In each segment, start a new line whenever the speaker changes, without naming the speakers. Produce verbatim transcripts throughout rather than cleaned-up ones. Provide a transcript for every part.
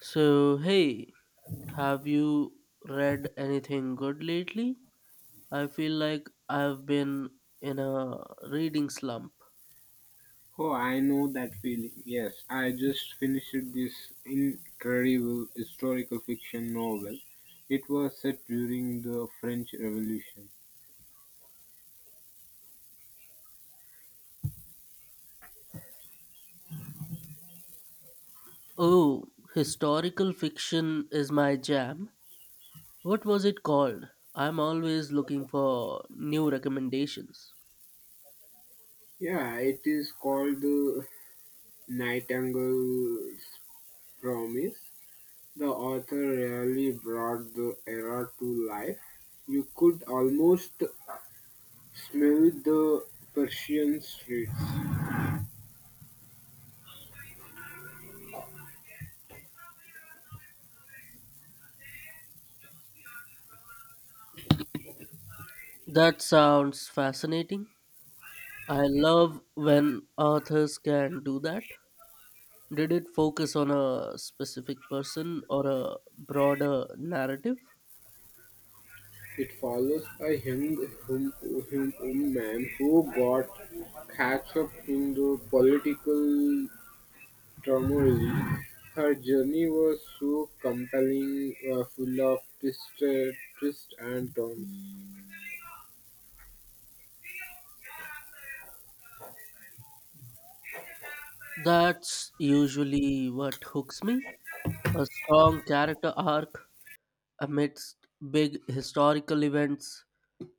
So, hey, have you read anything good lately? I feel like I've been in a reading slump.
Oh, I know that feeling. Yes, I just finished this incredible historical fiction novel. It was set during the French Revolution.
Oh, historical fiction is my jam. What was it called? I'm always looking for new recommendations.
Yeah, it is called The Nightingale's Promise. The author really brought the era to life. You could almost smell the Persian streets.
That sounds fascinating. I love when authors can do that. Did it focus on a specific person or a broader narrative?
It follows a young hum, hum, woman who got catch up in the political turmoil. Her journey was so compelling, uh, full of twists, uh, twists and turns.
That's usually what hooks me. A strong character arc amidst big historical events.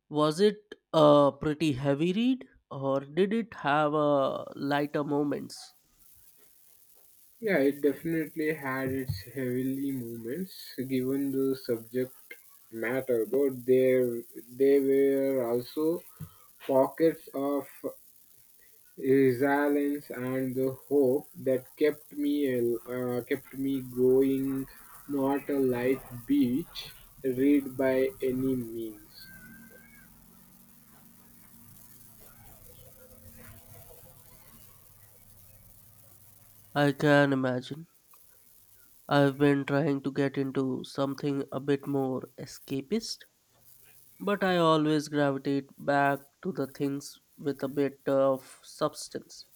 Was it a pretty heavy read or did it have a lighter moments?
Yeah, it definitely had its heavily moments, given the subject matter, but there there were also pockets of resilience and the hope that kept me al- uh, kept me going. Not a light beach read by any means.
I can imagine. I've been trying to get into something a bit more escapist, but I always gravitate back to the things with a bit of substance.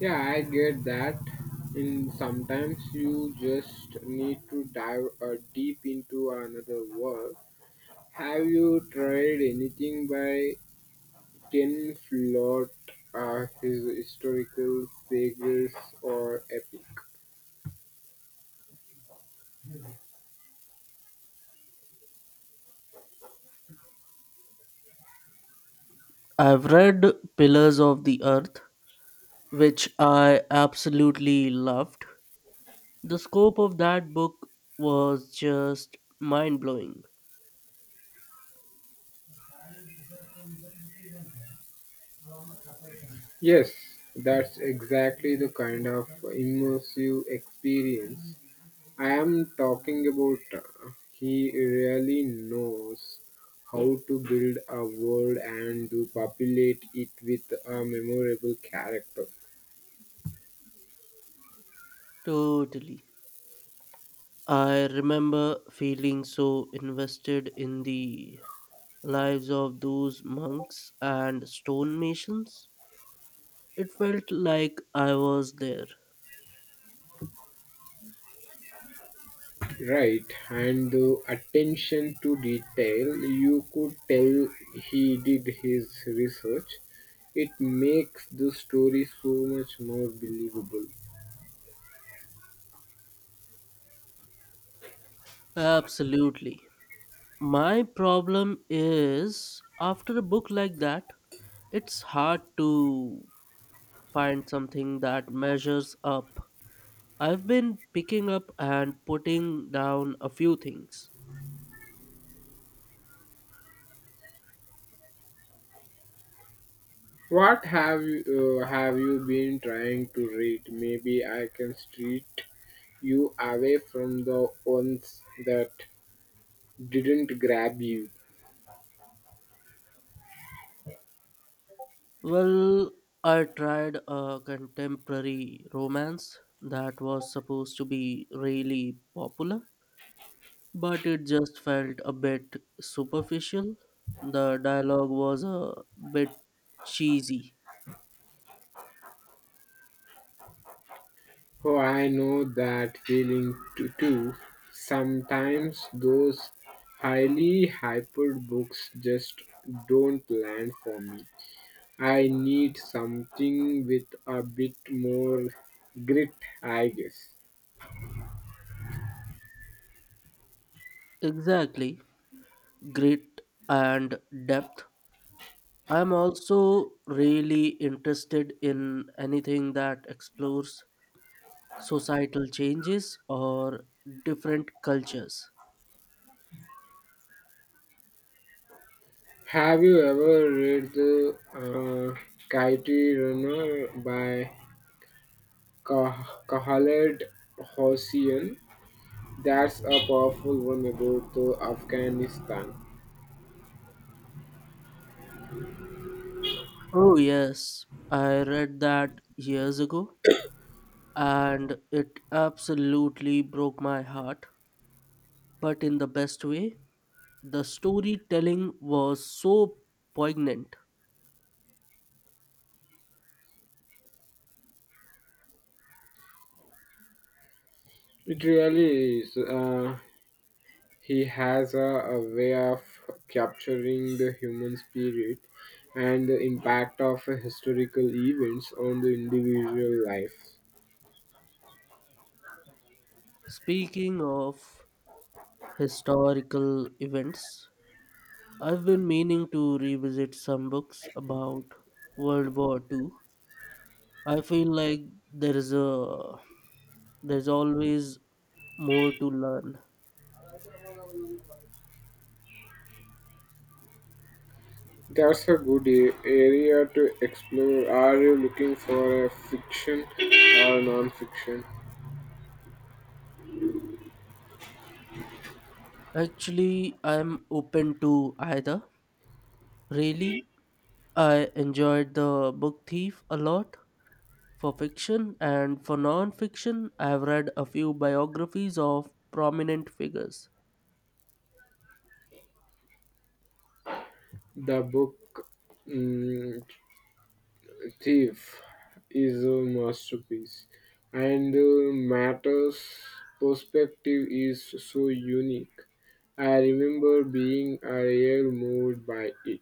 Yeah, I get that. And sometimes you just need to dive uh, deep into another world. Have you tried anything by ken flot? Uh, his historical figures or epic.
I've read Pillars of the Earth, which I absolutely loved. The scope of that book was just mind blowing.
Yes, that's exactly the kind of immersive experience I am talking about. He really knows how to build a world and to populate it with a memorable character.
Totally. I remember feeling so invested in the lives of those monks and stonemasons. It felt like I was there.
Right, and the attention to detail, you could tell he did his research. It makes the story so much more believable.
Absolutely. My problem is after a book like that, it's hard to find something that measures up. I've been picking up and putting down a few things.
What have you, uh, have you been trying to read? Maybe I can street you away from the ones that didn't grab you.
Well, I tried a contemporary romance that was supposed to be really popular, but it just felt a bit superficial. The dialogue was a bit cheesy.
Oh, I know that feeling too. too. Sometimes those highly hyped books just don't land for me. I need something with a bit more grit, I guess.
Exactly, grit and depth. I'm also really interested in anything that explores societal changes or different cultures.
Have you ever read The uh, Kite Runner by Kah- Khaled Hossein? That's a powerful one about the Afghanistan.
Oh, yes, I read that years ago and it absolutely broke my heart, but in the best way. The storytelling was so poignant.
It really is. Uh, he has a, a way of capturing the human spirit and the impact of historical events on the individual life.
Speaking of historical events, I've been meaning to revisit some books about World War Two. I feel like there is a there's always more to learn.
That's a good a- Area to explore. Are you looking for a fiction or non-fiction?
Actually, I'm open to either. Really, I enjoyed The Book Thief a lot for fiction, and for non fiction, I've read a few biographies of prominent figures.
The book mm, Thief is a masterpiece, and the matter's perspective is so unique. I remember being a real moved by it.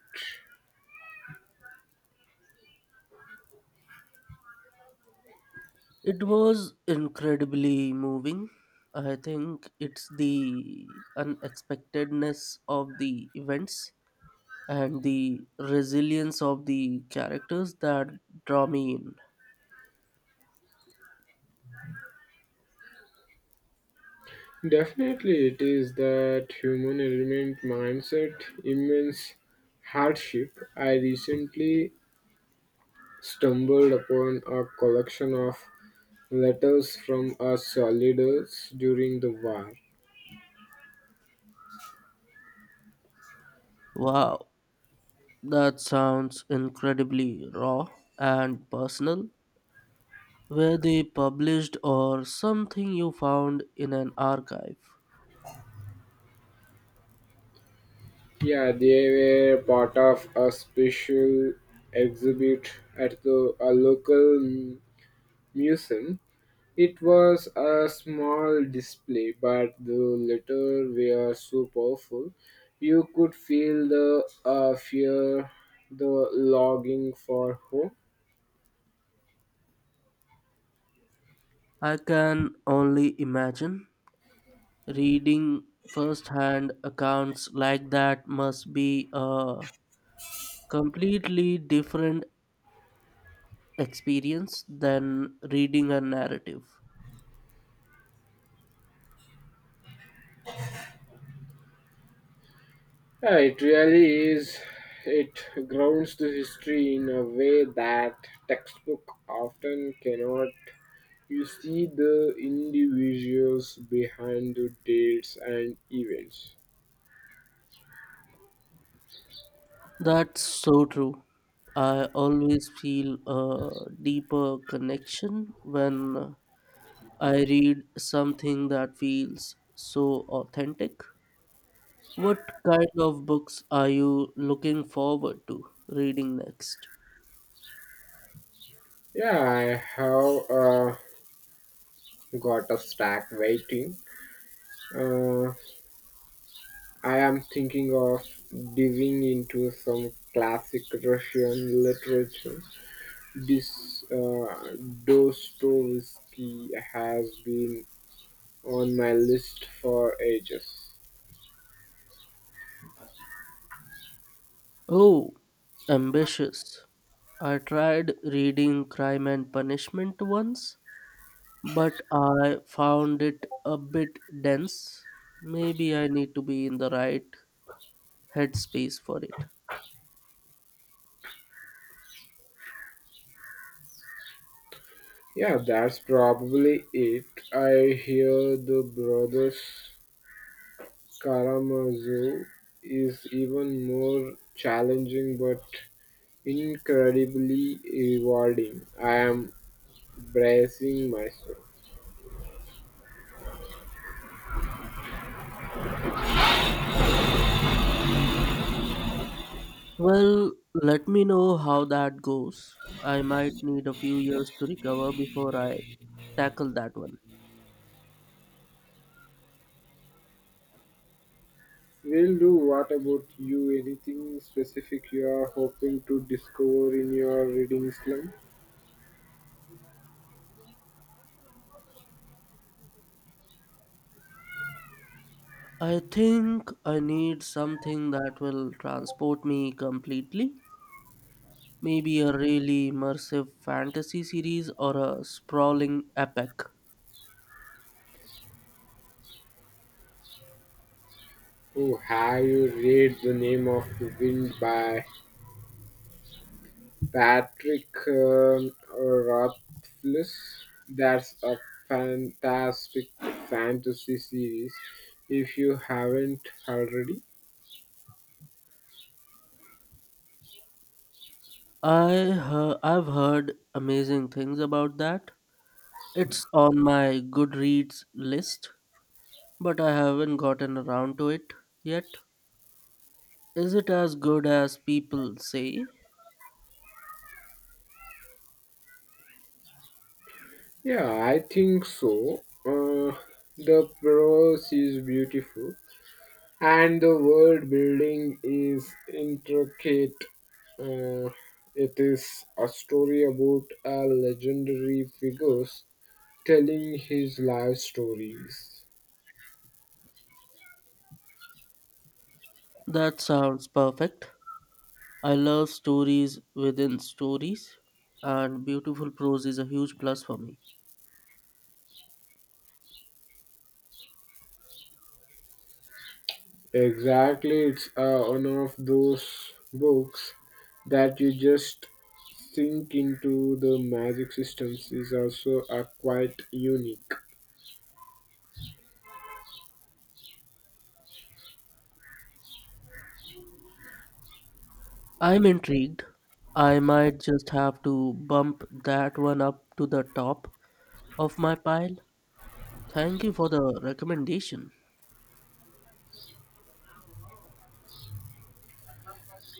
It was incredibly moving. I think it's the unexpectedness of the events and the resilience of the characters that draw me in.
Definitely, it is that human element mindset, immense hardship. I recently stumbled upon a collection of letters from our soldiers during the war.
Wow. That sounds incredibly raw and personal. Were they published or something you found in an archive?
Yeah, they were part of a special exhibit at the a local m- museum. It was a small display, but the letters were so powerful. You could feel the uh, fear, the longing for home.
I can only imagine. Reading first hand accounts like that must be a completely different experience than reading a narrative.
Yeah, it really is. It grounds the history in a way that textbook often cannot. You see the individuals behind the dates and events.
That's so true. I always feel a deeper connection when I read something that feels so authentic. What kind of books are you looking forward to reading next?
Yeah, I have uh, got a stack waiting. Uh, I am thinking of diving into some classic Russian literature. This uh, Dostoevsky has been on my list for ages.
Oh, ambitious. I tried reading Crime and Punishment once, but I found it a bit dense. Maybe I need to be in the right headspace for it.
Yeah, that's probably it. I hear the Brothers Karamazov is even more challenging but incredibly rewarding. I am bracing myself.
Well, let me know how that goes. I might need a few years to recover before I tackle that one.
Will do. What about you? Anything specific you are hoping to discover in your reading slump?
I think I need something that will transport me completely. Maybe a really immersive fantasy series or a sprawling epic.
Oh, have you read The Name of the Wind by Patrick um, Rothfuss. That's a fantastic fantasy series. If you haven't already,
I he- I've heard amazing things about that. It's on my Goodreads list, but I haven't gotten around to it yet. Is it as good as people say?
yeah, I think so. Uh, the prose is beautiful, and the world building is intricate. Uh, it is a story about a legendary figures telling his life stories.
That sounds perfect. I love stories within stories, and beautiful prose is a huge plus for me.
Exactly, it's uh, one of those books that you just sink into. The magic systems is also uh, quite unique.
I'm intrigued. I might just have to bump that one up to the top of my pile. Thank you for the recommendation.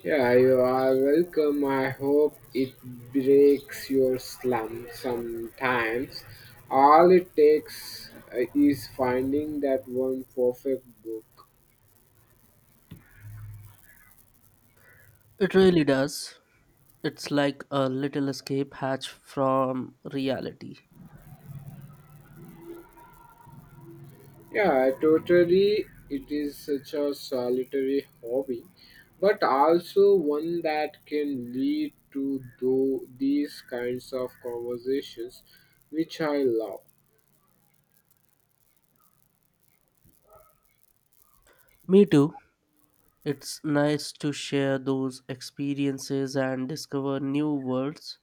Yeah, you are welcome. I hope it breaks your slump sometimes. All it takes uh, is finding that one perfect book.
It really does. It's like a little escape hatch from reality.
Yeah, totally. It is such a solitary hobby, but also one that can lead to tho- these kinds of conversations, which I love.
Me too. It's nice to share those experiences and discover new worlds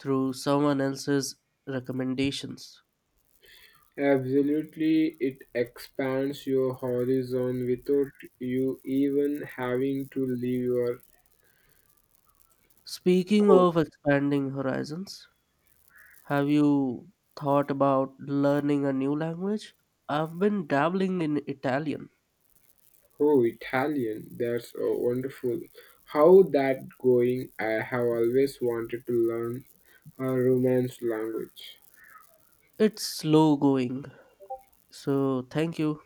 through someone else's recommendations.
Absolutely, it expands your horizon without you even having to leave your
Speaking
oh,
of expanding horizons, have you thought about learning a new language? I've been dabbling in Italian.
oh Italian. That's uh, wonderful. How that going? I have always wanted to learn a Romance language.
It's slow going. So, thank you.